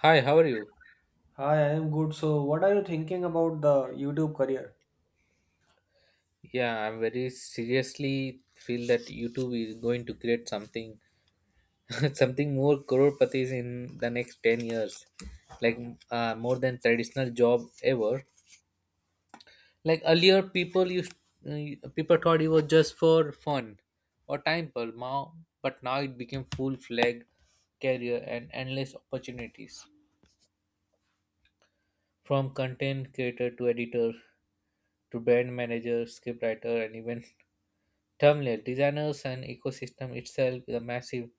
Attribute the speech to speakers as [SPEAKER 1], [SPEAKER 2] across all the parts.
[SPEAKER 1] Hi, how are you?
[SPEAKER 2] Hi, I am good. So, what are you thinking about the YouTube career?
[SPEAKER 1] Yeah, I'm very seriously feel that YouTube is going to create something, something more crores in the next 10 years, like more than traditional job ever. Like earlier, people thought it was just for fun or time pass, now but now it became full-fledged career and endless opportunities from content creator to editor to brand manager, scriptwriter, and even terminal designers and ecosystem itself is a massive,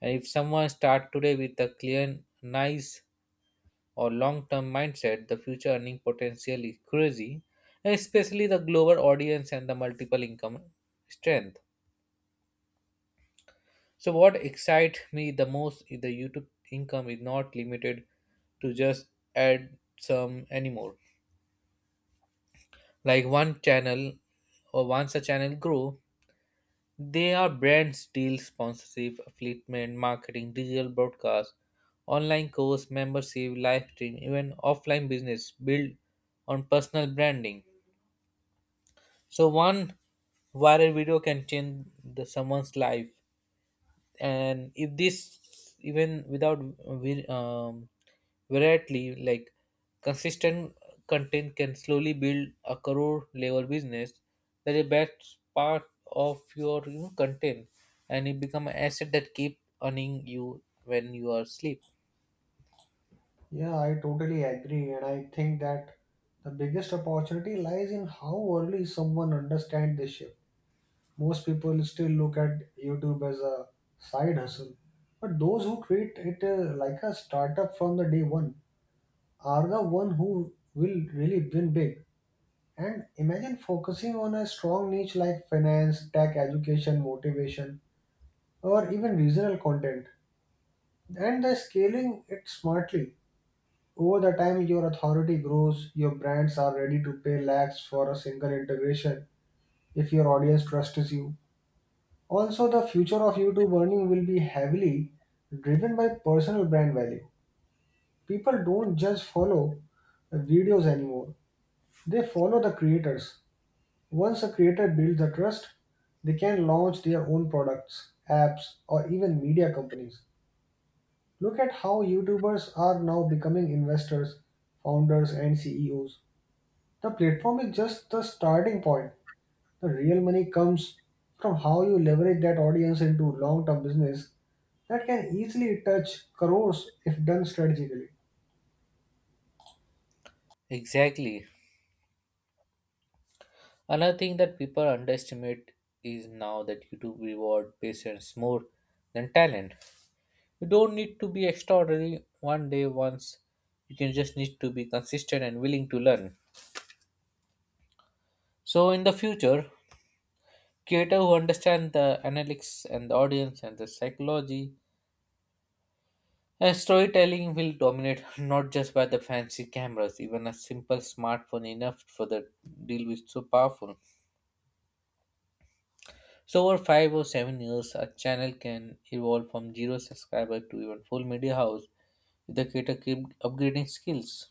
[SPEAKER 1] and if someone start today with a clear nice or long-term mindset the future earning potential is crazy, and especially the global audience and the multiple income strength. So what excites me the most is the YouTube income is not limited to just add some anymore. Like one channel or once a channel grow, they are brands, deals, sponsorship, affiliate marketing, digital broadcast, online course, membership, live stream, even offline business built on personal branding. So one viral video can change the someone's life, and if this even without vi- um, variety like consistent content can slowly build a crore level business. That is best part of your content, and it become an asset that keep earning you when you are asleep.
[SPEAKER 2] Yeah, I totally agree, and I think that the biggest opportunity lies in how early someone understands this shift. Most people still look at YouTube as a side hustle, but those who treat it like a startup from the day one are the one who will really win big. And imagine focusing on a strong niche like finance, tech, education, motivation, or even regional content. And the scaling it smartly. Over the time, your authority grows, your brands are ready to pay lakhs for a single integration if your audience trusts you. Also, the future of YouTube earning will be heavily driven by personal brand value. People don't just follow the videos anymore, they follow the creators. Once a creator builds the trust, they can launch their own products, apps, or even media companies. Look at how YouTubers are now becoming investors, founders, and CEOs. The platform is just the starting point. The real money comes from how you leverage that audience into long term business that can easily touch crores if done strategically.
[SPEAKER 1] Exactly. Another thing that people underestimate is now that YouTube reward patience more than talent. You don't need to be extraordinary one day once. You can just need to be consistent and willing to learn. So in the future, creators who understand the analytics and the audience and the psychology and storytelling will dominate, not just by the fancy cameras, even a simple smartphone enough for the deal is so powerful. So over 5 or 7 years a channel can evolve from zero subscriber to even full media house if the creator keep upgrading skills.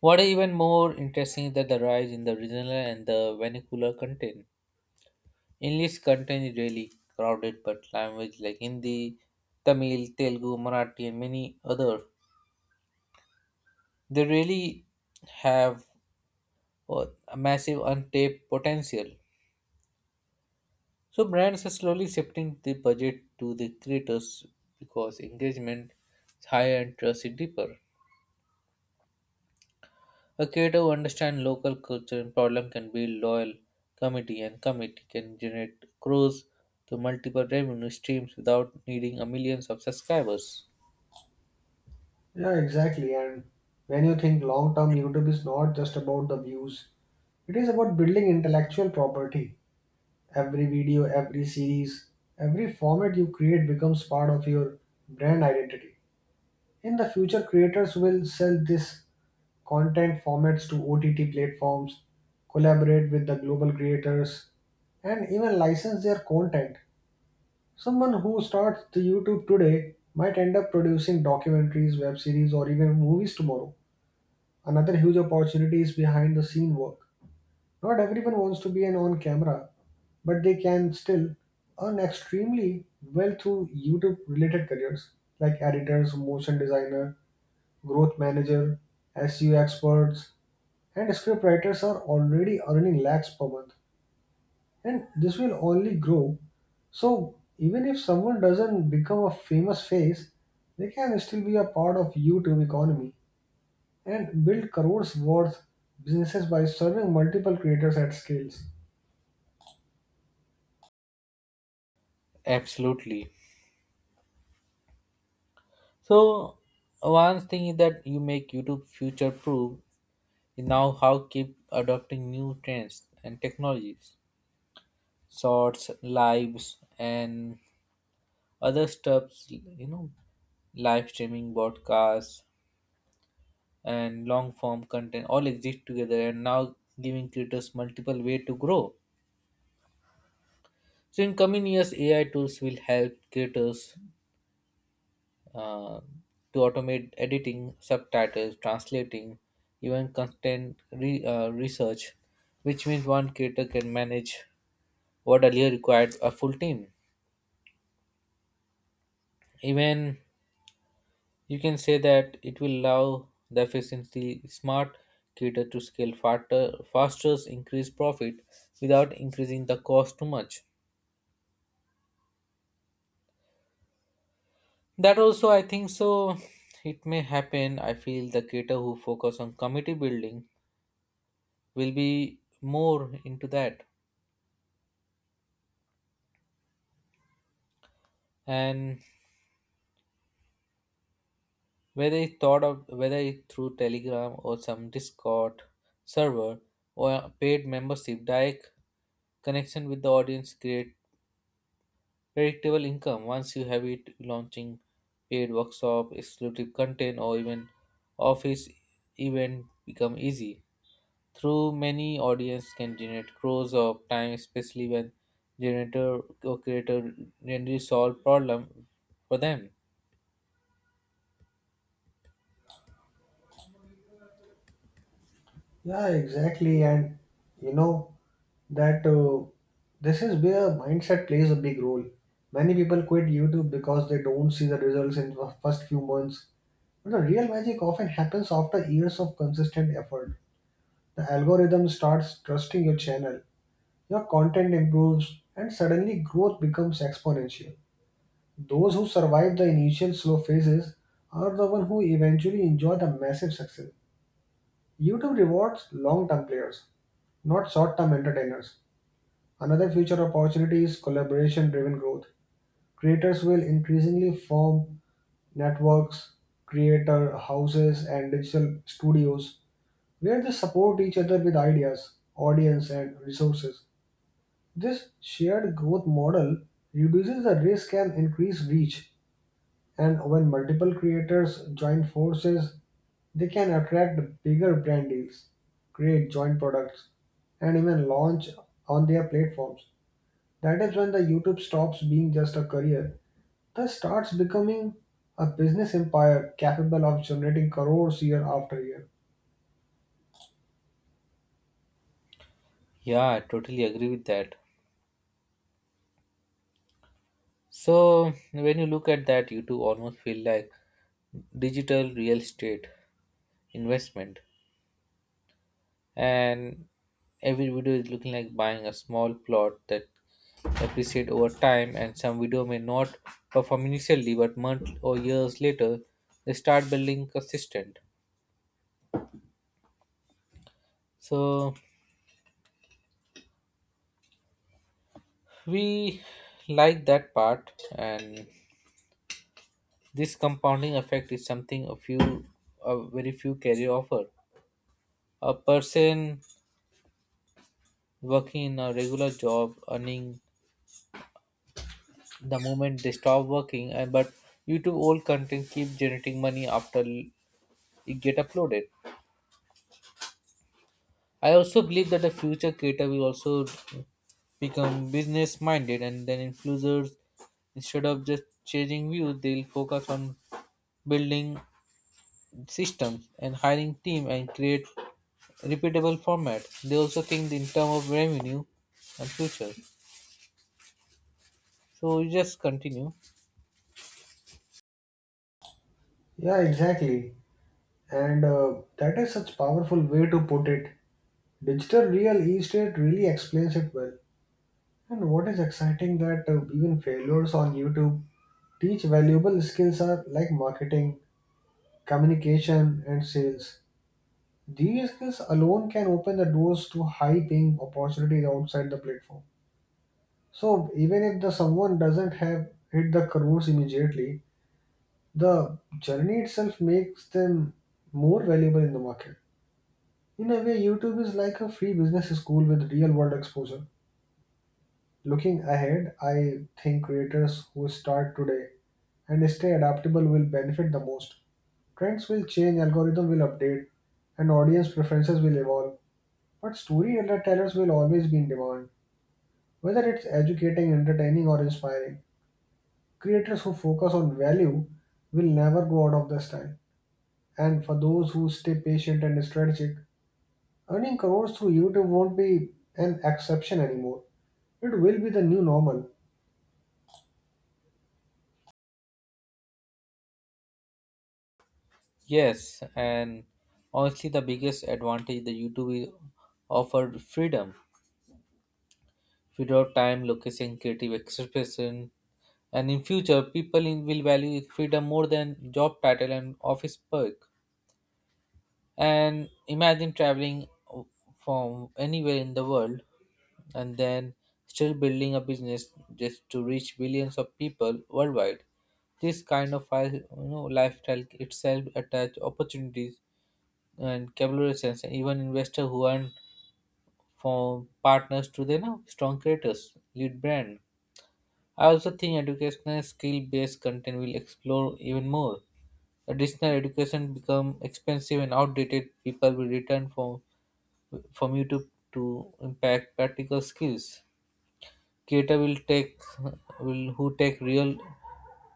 [SPEAKER 1] What is even more interesting is that the rise in the regional and the vernacular content. English content is really crowded, but language like Hindi, Tamil, Telugu, Marathi, and many other, they really have a massive untapped potential. So brands are slowly shifting the budget to the creators because engagement is higher and trust is deeper. A creator who understands local culture and problem can build loyal committee, and committee can generate crores to multiple revenue streams without needing a millions of subscribers.
[SPEAKER 2] Yeah, exactly. And when you think long term, YouTube is not just about the views, it is about building intellectual property. Every video, every series, every format you create becomes part of your brand identity. In the future, creators will sell this content formats to OTT platforms, collaborate with the global creators, and even license their content. Someone who starts the YouTube today might end up producing documentaries, web series, or even movies tomorrow. Another huge opportunity is behind the scene work. Not everyone wants to be an on camera, but they can still earn extremely well through YouTube related careers like editors, motion designer, growth manager, SEO experts, and script writers are already earning lakhs per month. And this will only grow. So even if someone doesn't become a famous face, they can still be a part of YouTube economy and build crores worth businesses by serving multiple creators at scales.
[SPEAKER 1] Absolutely. So one thing is that you make YouTube future proof is now how keep adopting new trends and technologies. Shorts, lives and other stuffs, you know, live streaming broadcasts and long form content all exist together, and now giving creators multiple way to grow. So in coming years AI tools will help creators uh, to automate editing, subtitles, translating, even content research, which means one creator can manage what earlier required a full team. Even, you can say that it will allow the efficiency smart cater to scale faster, increase profit without increasing the cost too much. That also, I think so. It may happen. I feel the cater who focus on committee building will be more into that. And whether it thought of whether it through Telegram or some Discord server or a paid membership, direct connection with the audience create predictable income. Once you have it, launching paid workshop, exclusive content, or even office event become easy. Through many audience can generate crores of time, especially when generator or creator generally solve problem for them.
[SPEAKER 2] Yeah, exactly. And you know that this is where mindset plays a big role. Many people quit YouTube because they don't see the results in the first few months. The real magic often happens after years of consistent effort. The algorithm starts trusting your channel, your content improves, and suddenly growth becomes exponential. Those who survive the initial slow phases are the ones who eventually enjoy the massive success. YouTube rewards long term players, not short term entertainers. Another future opportunity is collaboration driven growth. Creators will increasingly form networks, creator houses, and digital studios where they support each other with ideas, audience, and resources. This shared growth model reduces the risk and increase reach. And when multiple creators join forces, they can attract bigger brand deals, create joint products, and even launch on their platforms. That is when the YouTube stops being just a career, thus starts becoming a business empire capable of generating crores year after year.
[SPEAKER 1] Yeah, I totally agree with that. So when you look at that, you two almost feel like digital real estate investment, and every video is looking like buying a small plot that appreciate over time. And some video may not perform initially, but months or years later they start building consistent. So we like that part, and this compounding effect is something a very few career offer. A person working in a regular job earning the moment they stop working, and but YouTube old content keep generating money after it get uploaded. I also believe that the future creator will also become business minded, and then influencers instead of just chasing views they'll focus on building systems and hiring team and create repeatable format. They also think in terms of revenue and future, so you just continue.
[SPEAKER 2] Yeah, exactly. And that is such powerful way to put it. Digital real estate really explains it well. And what is exciting that even failures on YouTube teach valuable skills are like marketing, communication, and sales. These skills alone can open the doors to high-paying opportunities outside the platform. So even if the someone doesn't have hit the crores immediately, the journey itself makes them more valuable in the market. In a way, YouTube is like a free business school with real world exposure. Looking ahead, I think creators who start today and stay adaptable will benefit the most. Trends will change, algorithm will update, and audience preferences will evolve. But storytellers will always be in demand, whether it's educating, entertaining, or inspiring. Creators who focus on value will never go out of the style. And for those who stay patient and strategic, earning crores through YouTube won't be an exception anymore. It will be the new normal.
[SPEAKER 1] Yes, and honestly the biggest advantage the YouTube is offer freedom without time, location, creative expression. And in future, people in, will value freedom more than job title and office perk. And imagine traveling from anywhere in the world and then still building a business just to reach billions of people worldwide. This kind of lifestyle itself attach opportunities and collaborations and even investors who earn from partners to their now strong creators, lead brand. I also think educational skill based content will explore even more. Additional education become expensive and outdated. People will return from YouTube to impact practical skills. Creator will take will who take real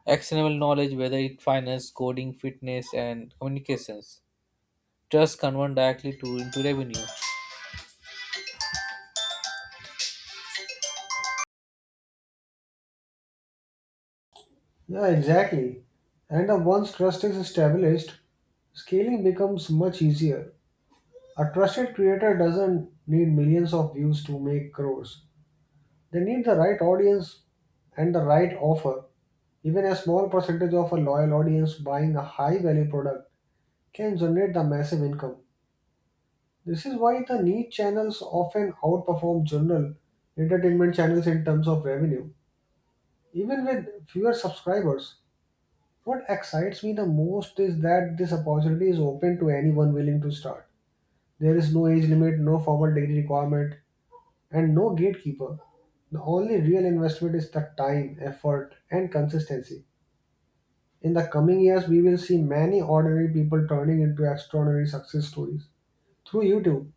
[SPEAKER 1] actionable knowledge, whether it finance, coding, fitness, and communications. Just convert directly to into revenue.
[SPEAKER 2] Yeah, exactly. And once trust is established, scaling becomes much easier. A trusted creator doesn't need millions of views to make crores. They need the right audience and the right offer. Even a small percentage of a loyal audience buying a high value product can generate the massive income. This is why the niche channels often outperform general entertainment channels in terms of revenue, even with fewer subscribers. What excites me the most is that this opportunity is open to anyone willing to start. There is no age limit, no formal degree requirement, and no gatekeeper. The only real investment is the time, effort, and consistency. In the coming years, we will see many ordinary people turning into extraordinary success stories through YouTube.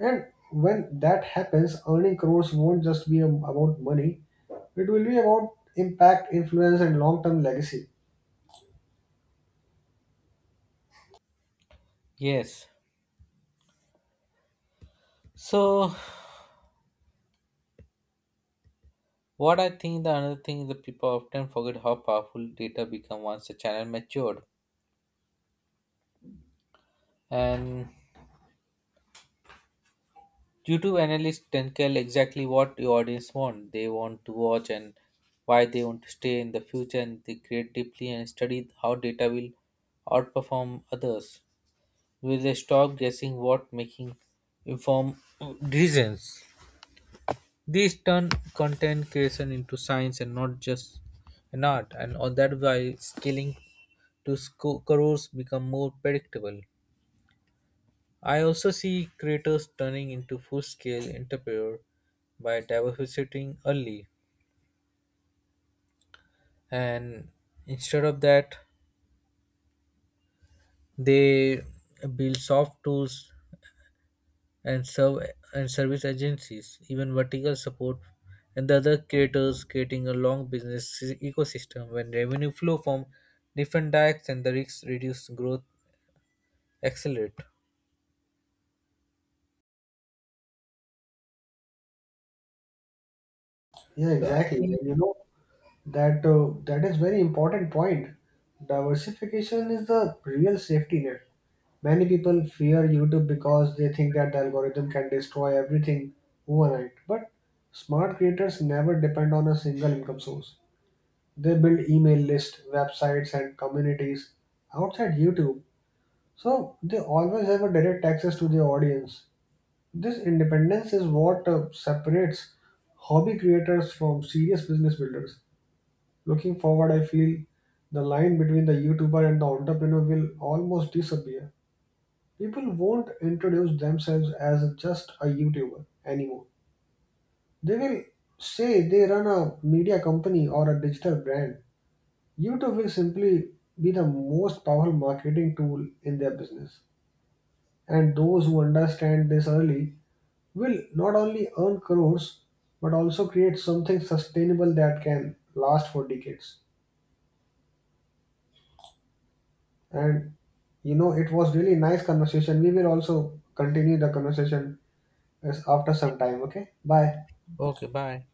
[SPEAKER 2] And when that happens, earning crores won't just be about money, it will be about impact, influence, and long term legacy.
[SPEAKER 1] Yes. So what I think the another thing is that people often forget how powerful data become once the channel matured. And YouTube analysts can tell exactly what the audience want, they want to watch, and why they want to stay in the future. And they create deeply and study how data will outperform others. Will they stop guessing what making informed decisions? These turn content creation into science and not just an art, and all that why scaling to crores become more predictable. I also see creators turning into full scale entrepreneur by diversifying early. And instead of that, they build soft tools and serve and service agencies, even vertical support and the other creators, creating a long business ecosystem when revenue flow from different directs and the risks reduce, growth accelerate.
[SPEAKER 2] Yeah,
[SPEAKER 1] So I
[SPEAKER 2] exactly.
[SPEAKER 1] think
[SPEAKER 2] And you know, that that is very important point. Diversification is the real safety net. Many people fear YouTube because they think that the algorithm can destroy everything overnight. But smart creators never depend on a single income source. They build email lists, websites, and communities outside YouTube, so they always have a direct access to their audience. This independence is what separates hobby creators from serious business builders. Looking forward, I feel the line between the YouTuber and the entrepreneur will almost disappear. People won't introduce themselves as just a YouTuber anymore. They will say they run a media company or a digital brand. YouTube will simply be the most powerful marketing tool in their business. And those who understand this early will not only earn crores but also create something sustainable that can last for decades. And you know, it was really nice conversation. We will also continue the conversation after some time. Okay, bye.
[SPEAKER 1] okay, bye.